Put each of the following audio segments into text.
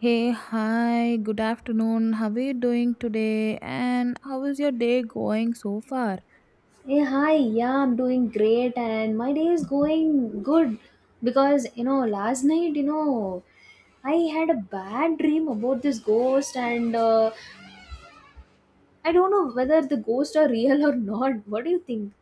Hey, hi, good afternoon. How are you doing today? And how is your day going so far? Hey, hi. Yeah, I'm doing great and my day is going good because, last night, I had a bad dream about this ghost and I don't know whether the ghosts are real or not. What do you think?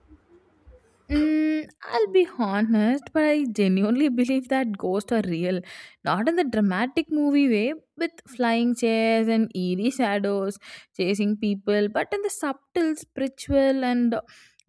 Mm, I'll be honest, but I genuinely believe that ghosts are real. Not in the dramatic movie way, with flying chairs and eerie shadows chasing people, but in the subtle, spiritual, and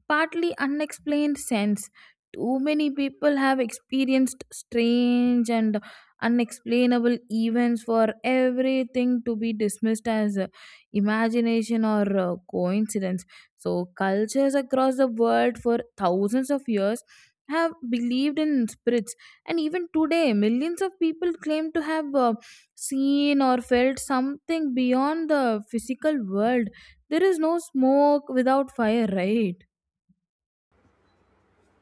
partly unexplained sense. Too many people have experienced strange and unexplainable events for everything to be dismissed as imagination or coincidence. So cultures across the world for thousands of years have believed in spirits, and even today, millions of people claim to have seen or felt something beyond the physical world. There is no smoke without fire, right?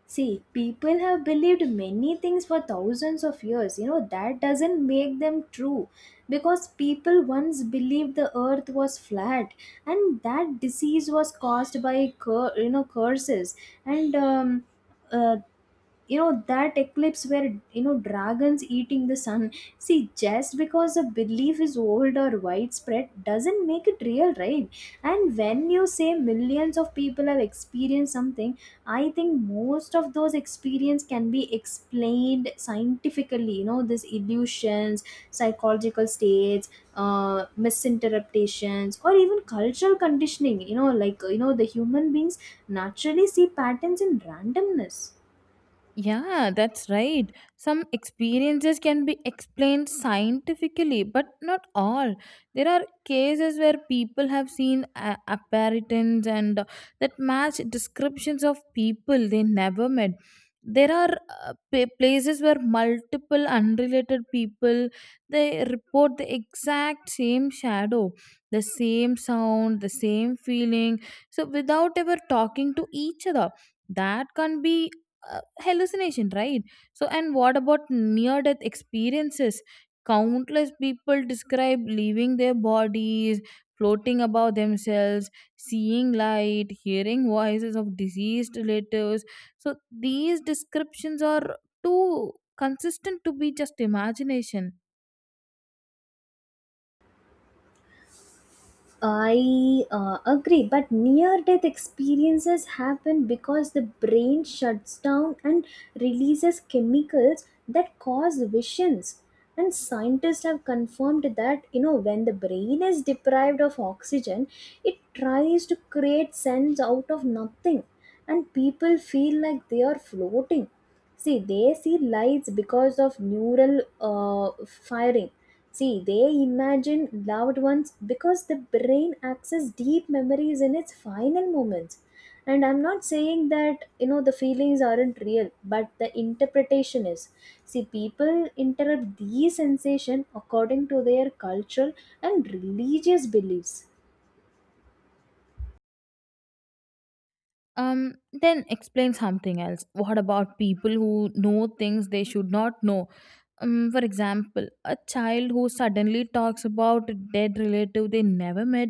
See, people have believed many things for thousands of years. That doesn't make them true because people once believed the earth was flat and that disease was caused by curses and uh, that eclipse where dragons eating the sun. See, just because a belief is old or widespread doesn't make it real, right? And when you say millions of people have experienced something, I think most of those experience can be explained scientifically, these illusions, psychological states, misinterpretations, or even cultural conditioning, like, the human beings naturally see patterns in randomness. Yeah, that's right. Some experiences can be explained scientifically, but not all. There are cases where people have seen apparitions and that match descriptions of people they never met. There are places where multiple unrelated people they report the exact same shadow, the same sound, the same feeling, so without ever talking to each other. That can be hallucination, right? So and what about near death experiences? Countless people describe leaving their bodies, floating above themselves, seeing light, hearing voices of deceased relatives. So these descriptions are too consistent to be just imagination. I agree, but near death experiences happen because the brain shuts down and releases chemicals that cause visions. And scientists have confirmed that, when the brain is deprived of oxygen, it tries to create sense out of nothing, and people feel like they are floating. See, they see lights because of neural uh, firing. See, they imagine loved ones because the brain accesses deep memories in its final moments. And I'm not saying that the feelings aren't real, but the interpretation is. See, people interpret these sensation according to their cultural and religious beliefs. um then explain something else. What about people who know things they should not know? For example, a child who suddenly talks about a dead relative they never met,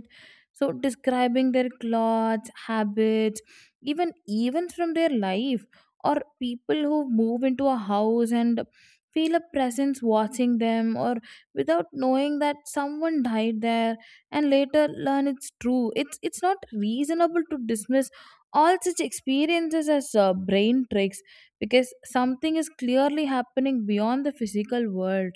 so describing their clothes, habits, even events from their life, or people who move into a house and feel a presence watching them, or without knowing that someone died there and later learn it's true. It's not reasonable to dismiss all such experiences as brain tricks, because something is clearly happening beyond the physical world.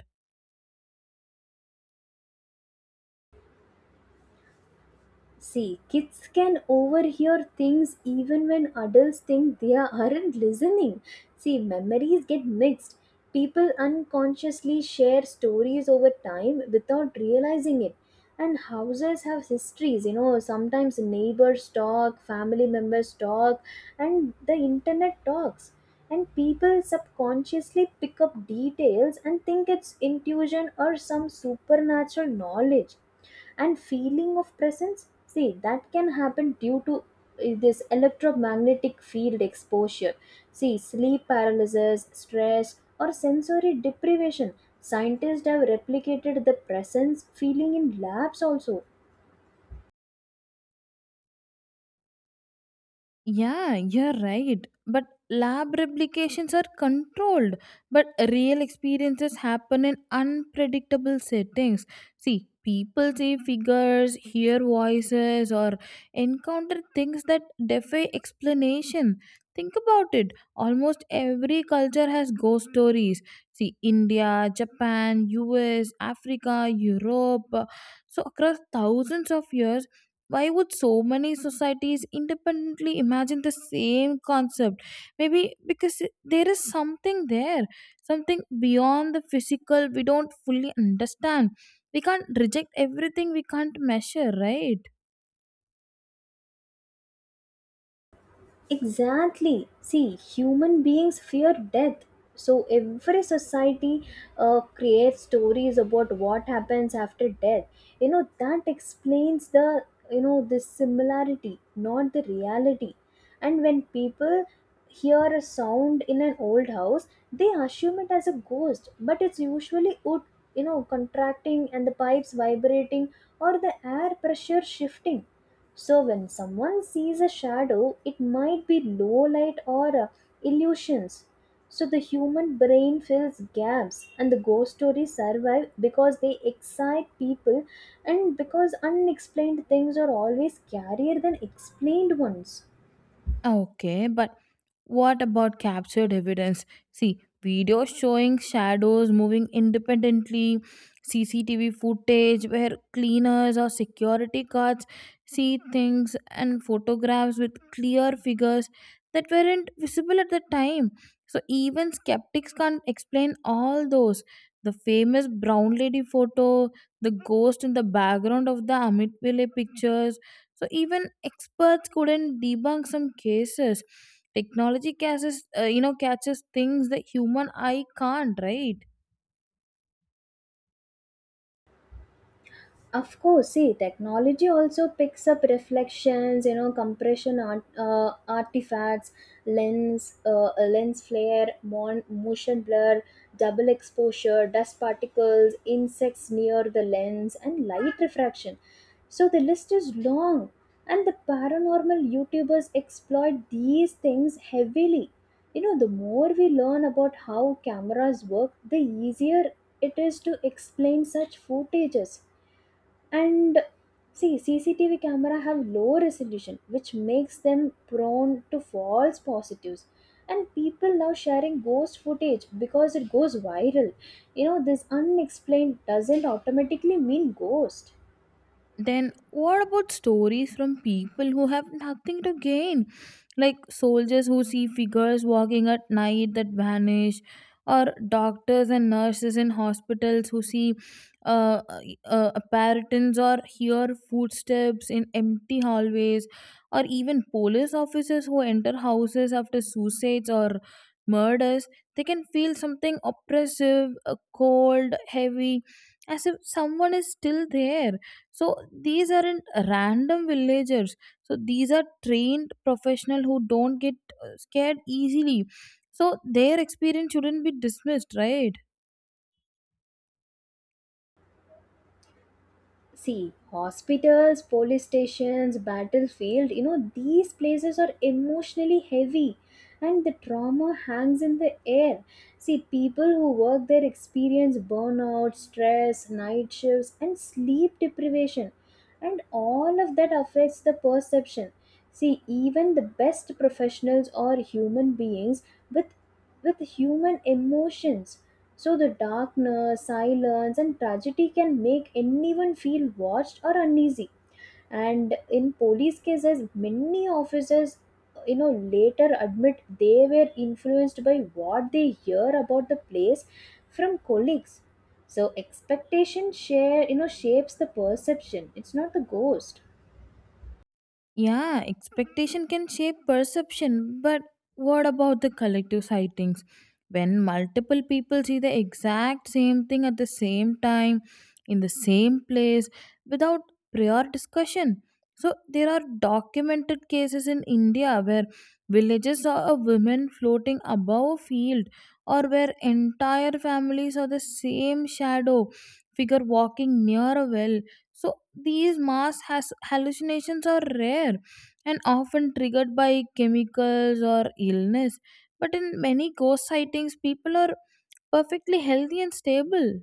See, kids can overhear things even when adults think they aren't listening. See, memories get mixed. People unconsciously share stories over time without realizing it. And houses have histories, sometimes neighbors talk, family members talk, and the internet talks. And people subconsciously pick up details and think it's intuition or some supernatural knowledge. And feeling of presence, see, that can happen due to this electromagnetic field exposure. See, sleep paralysis, stress, or sensory deprivation. Scientists have replicated the presence feeling in labs also. Yeah, you're right. But lab replications are controlled, but real experiences happen in unpredictable settings. See, people see figures, hear voices, or encounter things that defy explanation. Think about it. Almost every culture has ghost stories. See, India, Japan, US, Africa, Europe. So, across thousands of years, why would so many societies independently imagine the same concept? Maybe because there is something there, something beyond the physical we don't fully understand. We can't reject everything we can't measure, right? Exactly. See, human beings fear death. So every society creates stories about what happens after death. That explains the similarity, not the reality. And when people hear a sound in an old house, they assume it as a ghost, but it's usually wood, contracting, and the pipes vibrating, or the air pressure shifting. So when someone sees a shadow, it might be low light or illusions. So the human brain fills gaps and the ghost stories survive because they excite people and because unexplained things are always scarier than explained ones. Okay, but what about captured evidence? See, videos showing shadows moving independently, CCTV footage where cleaners or security guards see things, and photographs with clear figures that weren't visible at the time. So, even skeptics can't explain all those. The famous brown lady photo, the ghost in the background of the Amitville pictures, so even experts couldn't debunk some cases. Technology catches, catches things that human eye can't, right? Of course. See, technology also picks up reflections, compression artifacts, lens flare, motion blur, double exposure, dust particles, insects near the lens, and light refraction. So the list is long. And the paranormal YouTubers exploit these things heavily. The more we learn about how cameras work, the easier it is to explain such footages. And see, CCTV camera have low resolution, which makes them prone to false positives. And people now sharing ghost footage because it goes viral. This unexplained doesn't automatically mean ghost. Then what about stories from people who have nothing to gain? Like soldiers who see figures walking at night that vanish, or doctors and nurses in hospitals who see uh, apparitions or hear footsteps in empty hallways, or even police officers who enter houses after suicides or murders. They can feel something oppressive, cold, heavy, as if someone is still there. So these aren't random villagers. So these are trained professionals who don't get scared easily. So their experience shouldn't be dismissed, right? See, hospitals, police stations, battlefield, these places are emotionally heavy, and the trauma hangs in the air. See, people who work there experience burnout, stress, night shifts, and sleep deprivation, and all of that affects the perception. See, even the best professionals are human beings with human emotions. So the darkness, silence, and tragedy can make anyone feel watched or uneasy. And in police cases, many officers, later admit they were influenced by what they hear about the place from colleagues. So expectation share, shapes the perception. It's not the ghost. Yeah, expectation can shape perception, but what about the collective sightings? When multiple people see the exact same thing at the same time, in the same place, without prior discussion. So, there are documented cases in India where villages saw a woman floating above a field, or where entire families saw the same shadow figure walking near a well. So these mass has hallucinations are rare and often triggered by chemicals or illness. But in many ghost sightings, people are perfectly healthy and stable.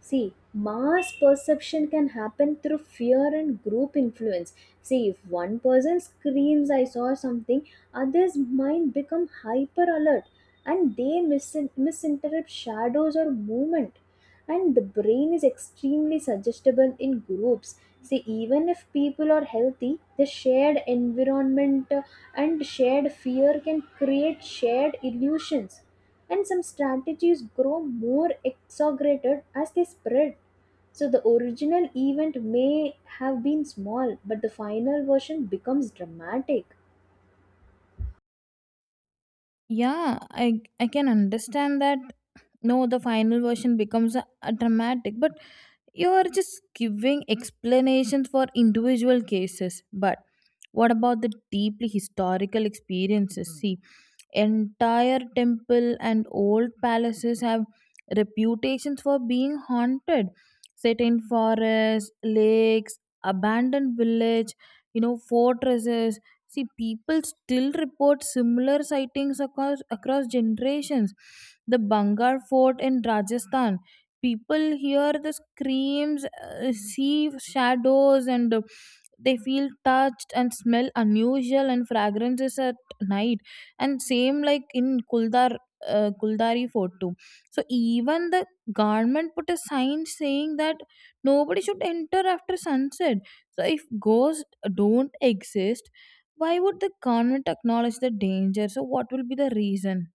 See, mass perception can happen through fear and group influence. See, if one person screams, I saw something, others' mind become hyper alert, and they misinterpret shadows or movement. And the brain is extremely suggestible in groups. See, even if people are healthy, the shared environment and shared fear can create shared illusions, and some strategies grow more exaggerated as they spread. So the original event may have been small, but the final version becomes dramatic. Yeah, I can understand that. No, the final version becomes a dramatic, but you are just giving explanations for individual cases. But what about the deeply historical experiences? See, entire temple and old palaces have reputations for being haunted, set in forests, lakes, abandoned village, you know, fortresses. See, people still report similar sightings across generations. The Bangar fort in Rajasthan, people hear the screams, see shadows, and they feel touched and smell unusual and fragrances at night. And same like in Kuldar, Kuldari fort too. So even the government put a sign saying that nobody should enter after sunset. So if ghosts don't exist, why would the government acknowledge the danger? So what will be the reason?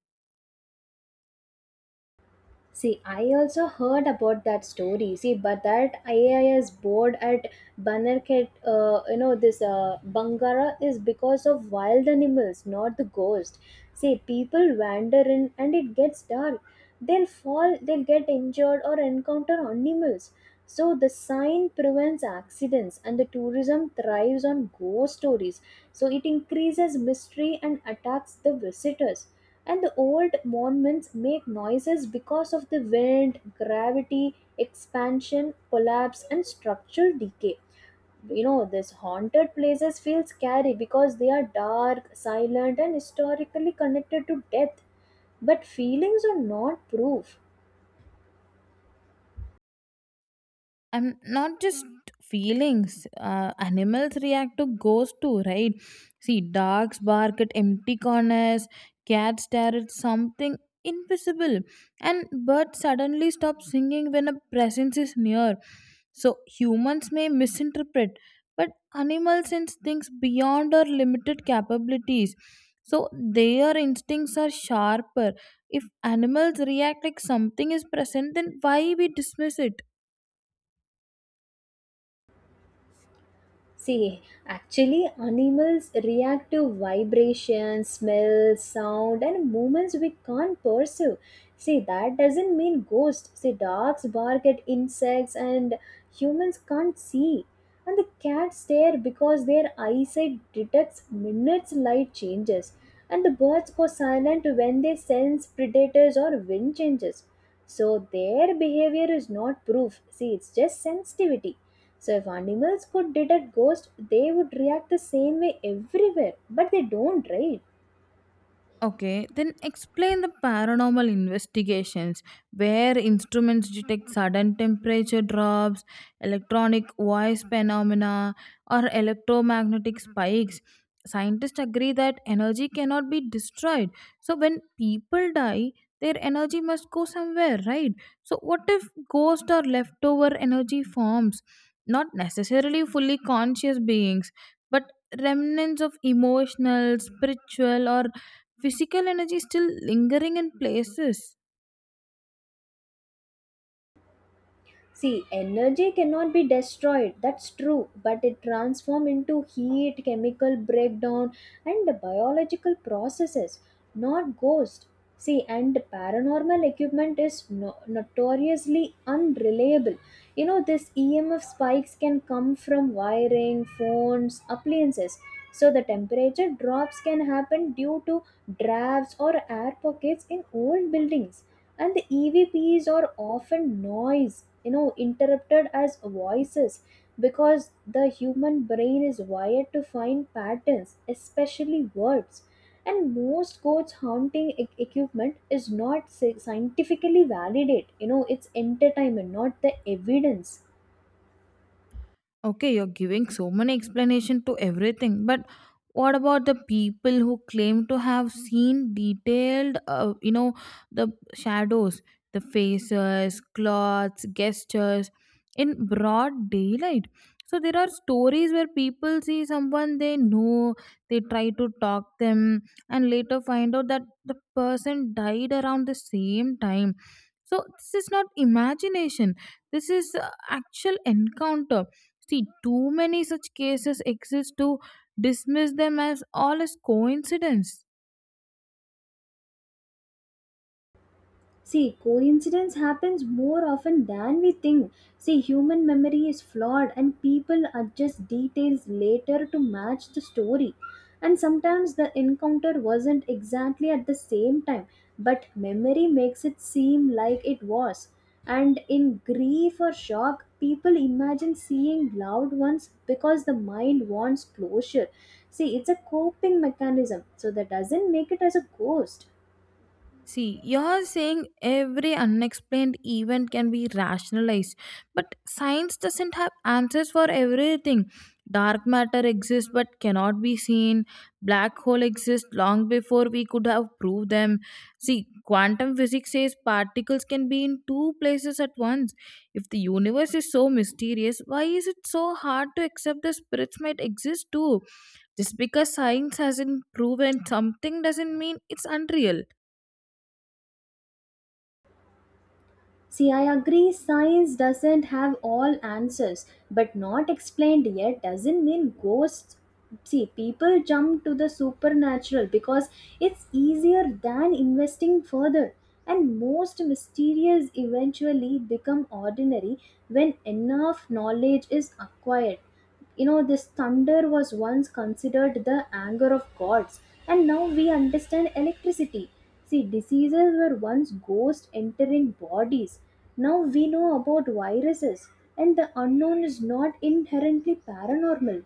See, I also heard about that story. See, but that IAS board at Banarkhet, you know, this Bangara is because of wild animals, not the ghost. See, people wander in and it gets dark. They'll fall, they'll get injured or encounter animals. So, the sign prevents accidents and the tourism thrives on ghost stories. So, it increases mystery and attacks the visitors, and the old monuments make noises because of the wind, gravity, expansion, collapse, and structural decay. These haunted places feel scary because they are dark, silent, and historically connected to death. But feelings are not proof. I'm not just feelings. Animals react to ghosts too, right? See, dogs bark at empty corners, cats stare at something invisible, and birds suddenly stop singing when a presence is near. So, humans may misinterpret, but animals sense things beyond our limited capabilities. So, their instincts are sharper. If animals react like something is present, then why we dismiss it? See, actually, animals react to vibration, smell, sound, and movements we can't perceive. See, that doesn't mean ghosts. See, dogs bark at insects, and humans can't see. And the cats stare because their eyesight detects minutes light changes. And the birds go silent when they sense predators or wind changes. So, their behavior is not proof. See, it's just sensitivity. So, if animals could detect ghosts, they would react the same way everywhere, but they don't, right? Okay, then explain the paranormal investigations where instruments detect sudden temperature drops, electronic voice phenomena, or electromagnetic spikes. Scientists agree that energy cannot be destroyed. So, when people die, their energy must go somewhere, right? So, what if ghost or leftover energy forms? Not necessarily fully conscious beings, but remnants of emotional, spiritual, or physical energy is still lingering in places. See, energy cannot be destroyed, that's true, but it transforms into heat, chemical breakdown, and the biological processes, not ghosts. See, and paranormal equipment is notoriously unreliable. This EMF spikes can come from wiring, phones, appliances. So, the temperature drops can happen due to drafts or air pockets in old buildings, and the evps are often noise, interrupted as voices, because the human brain is wired to find patterns, especially words. And most codes haunting equipment is not scientifically validate. It's entertainment, not the evidence. Okay, you're giving so many explanation to everything, but what about the people who claim to have seen detailed, the shadows, the faces, clothes, gestures in broad daylight? So there are stories where people see someone they know, they try to talk them, and later find out that the person died around the same time. So this is not imagination. This is actual encounter. See, too many such cases exist to dismiss them as all as coincidence. See, coincidence happens more often than we think. See, human memory is flawed and people adjust details later to match the story. And sometimes the encounter wasn't exactly at the same time, but memory makes it seem like it was. And in grief or shock, people imagine seeing loved ones because the mind wants closure. See, it's a coping mechanism, so that doesn't make it as a ghost. See, you're saying every unexplained event can be rationalized, but science doesn't have answers for everything. Dark matter exists but cannot be seen. Black hole exists long before we could have proved them. See, quantum physics says particles can be in two places at once. If the universe is so mysterious, why is it so hard to accept the spirits might exist too? Just because science hasn't proven something doesn't mean it's unreal. See, I agree science doesn't have all answers, but not explained yet doesn't mean ghosts. See, people jump to the supernatural because it's easier than investing further. And most mysterious eventually become ordinary when enough knowledge is acquired. This thunder was once considered the anger of gods, and now we understand electricity. See, diseases were once ghosts entering bodies, now we know about viruses. And the unknown is not inherently paranormal.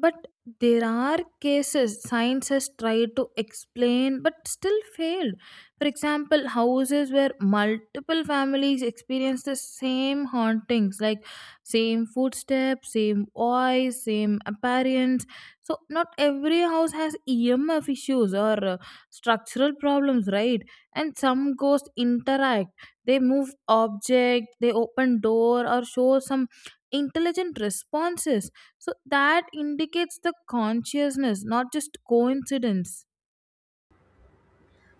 But there are cases science has tried to explain but still failed. For example, houses where multiple families experience the same hauntings, like same footsteps, same voice, same appearance. So, not every house has EMF issues or structural problems, right? And some ghosts interact, they move object, they open door, or show some intelligent responses, so that indicates the consciousness, not just coincidence.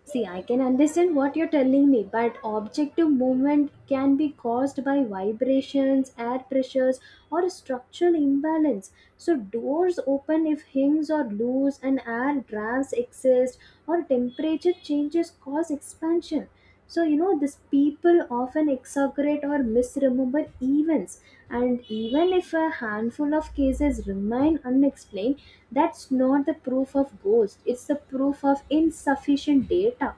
See, I can understand what you're telling me, but objective movement can be caused by vibrations, air pressures, or a structural imbalance. So, doors open if hinges are loose and air drafts exist, or temperature changes cause expansion. So, these people often exaggerate or misremember events, and even if a handful of cases remain unexplained, that's not the proof of ghost, it's the proof of insufficient data.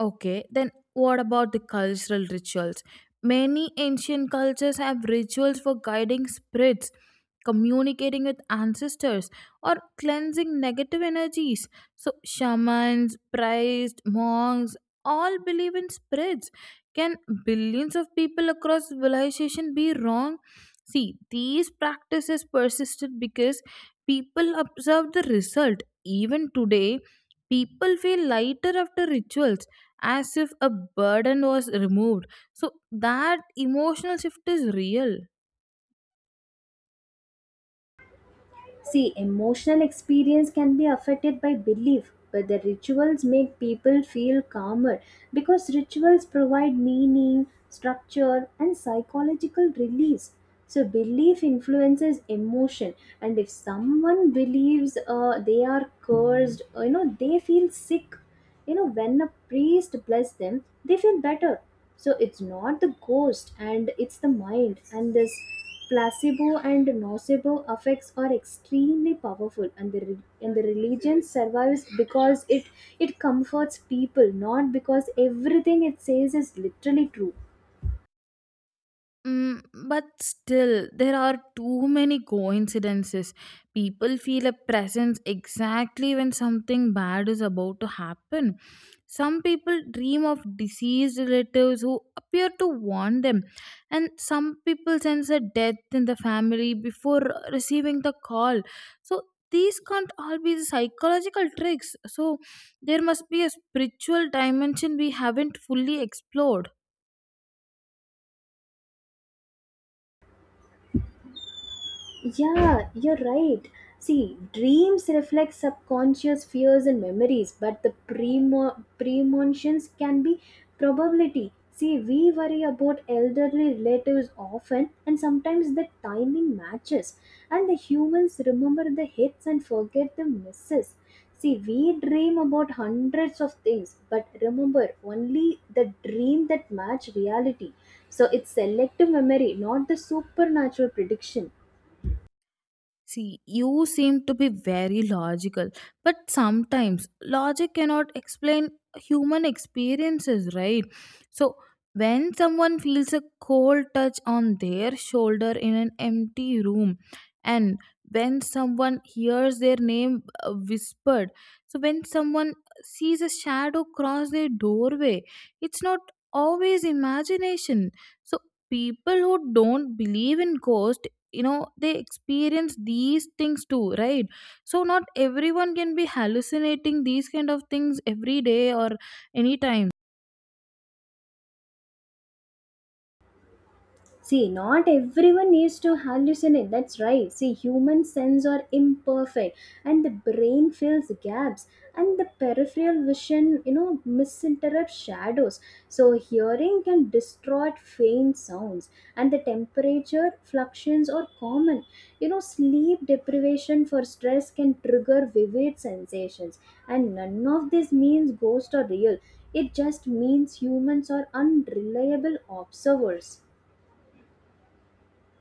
Okay, then what about the cultural rituals? Many ancient cultures have rituals for guiding spirits, communicating with ancestors, or cleansing negative energies. So, shamans, priests, monks all believe in spirits. Can billions of people across civilization be wrong? See, these practices persisted because people observed the result. Even today, people feel lighter after rituals, as if a burden was removed, so that emotional shift is real. See, emotional experience can be affected by belief, but the rituals make people feel calmer because rituals provide meaning, structure, and psychological release. So, belief influences emotion, and if someone believes they are cursed, they feel sick. When a priest bless them, they feel better. So it's not the ghost, and it's the mind. And this placebo and nocebo effects are extremely powerful, and the religion survives because it comforts people, not because everything it says is literally true. Mm, but still, there are too many coincidences. People feel a presence exactly when something bad is about to happen. Some people dream of deceased relatives who appear to warn them, and some people sense a death in the family before receiving the call. So, these can't all be psychological tricks. So, there must be a spiritual dimension we haven't fully explored. Yeah, you're right. See, dreams reflect subconscious fears and memories, but the premonitions can be probability. See, we worry about elderly relatives often, and sometimes the timing matches. And the humans remember the hits and forget the misses. See, we dream about hundreds of things, but remember only the dream that match reality. So it's selective memory, not the supernatural prediction. See, you seem to be very logical, but sometimes logic cannot explain human experiences, right? So, when someone feels a cold touch on their shoulder in an empty room, and when someone hears their name whispered, so when someone sees a shadow cross their doorway, it's not always imagination. So, people who don't believe in ghosts, you know, they experience these things too, right? So not everyone can be hallucinating these kind of things every day or anytime. See, not everyone needs to hallucinate. That's right. See, human senses are imperfect, and the brain fills gaps, and the peripheral vision, misinterprets shadows. So, hearing can distort faint sounds, and the temperature fluctuations are common. Sleep deprivation for stress can trigger vivid sensations, and none of this means ghosts are real. It just means humans are unreliable observers.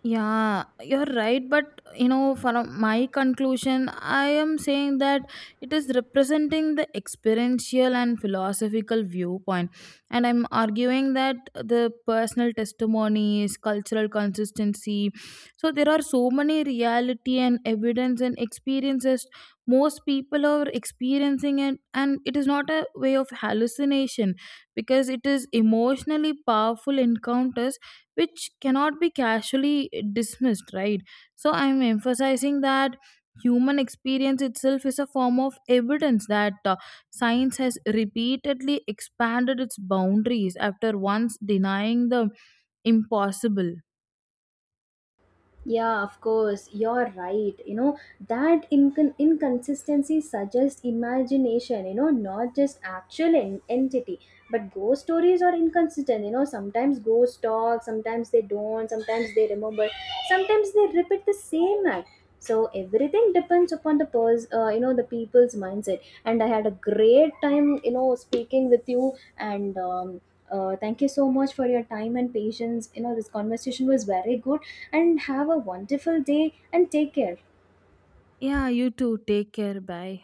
Yeah, you're right. But you know, from my conclusion, I am saying that it is representing the experiential and philosophical viewpoint. And I'm arguing that the personal testimonies, cultural consistency. So there are so many reality and evidence and experiences, most people are experiencing it and it is not a way of hallucination, because it is emotionally powerful encounters which cannot be casually dismissed, right? So I'm emphasizing that human experience itself is a form of evidence, that science has repeatedly expanded its boundaries after once denying the impossible. Yeah, of course, you're right. That inconsistency suggests imagination, not just actual entity. But ghost stories are inconsistent, sometimes ghosts talk, sometimes they don't, sometimes they remember, sometimes they repeat the same act. So everything depends upon the people's mindset. And I had a great time, speaking with you, and thank you so much for your time and patience. This conversation was very good. And have a wonderful day and take care. Yeah, you too, take care, bye.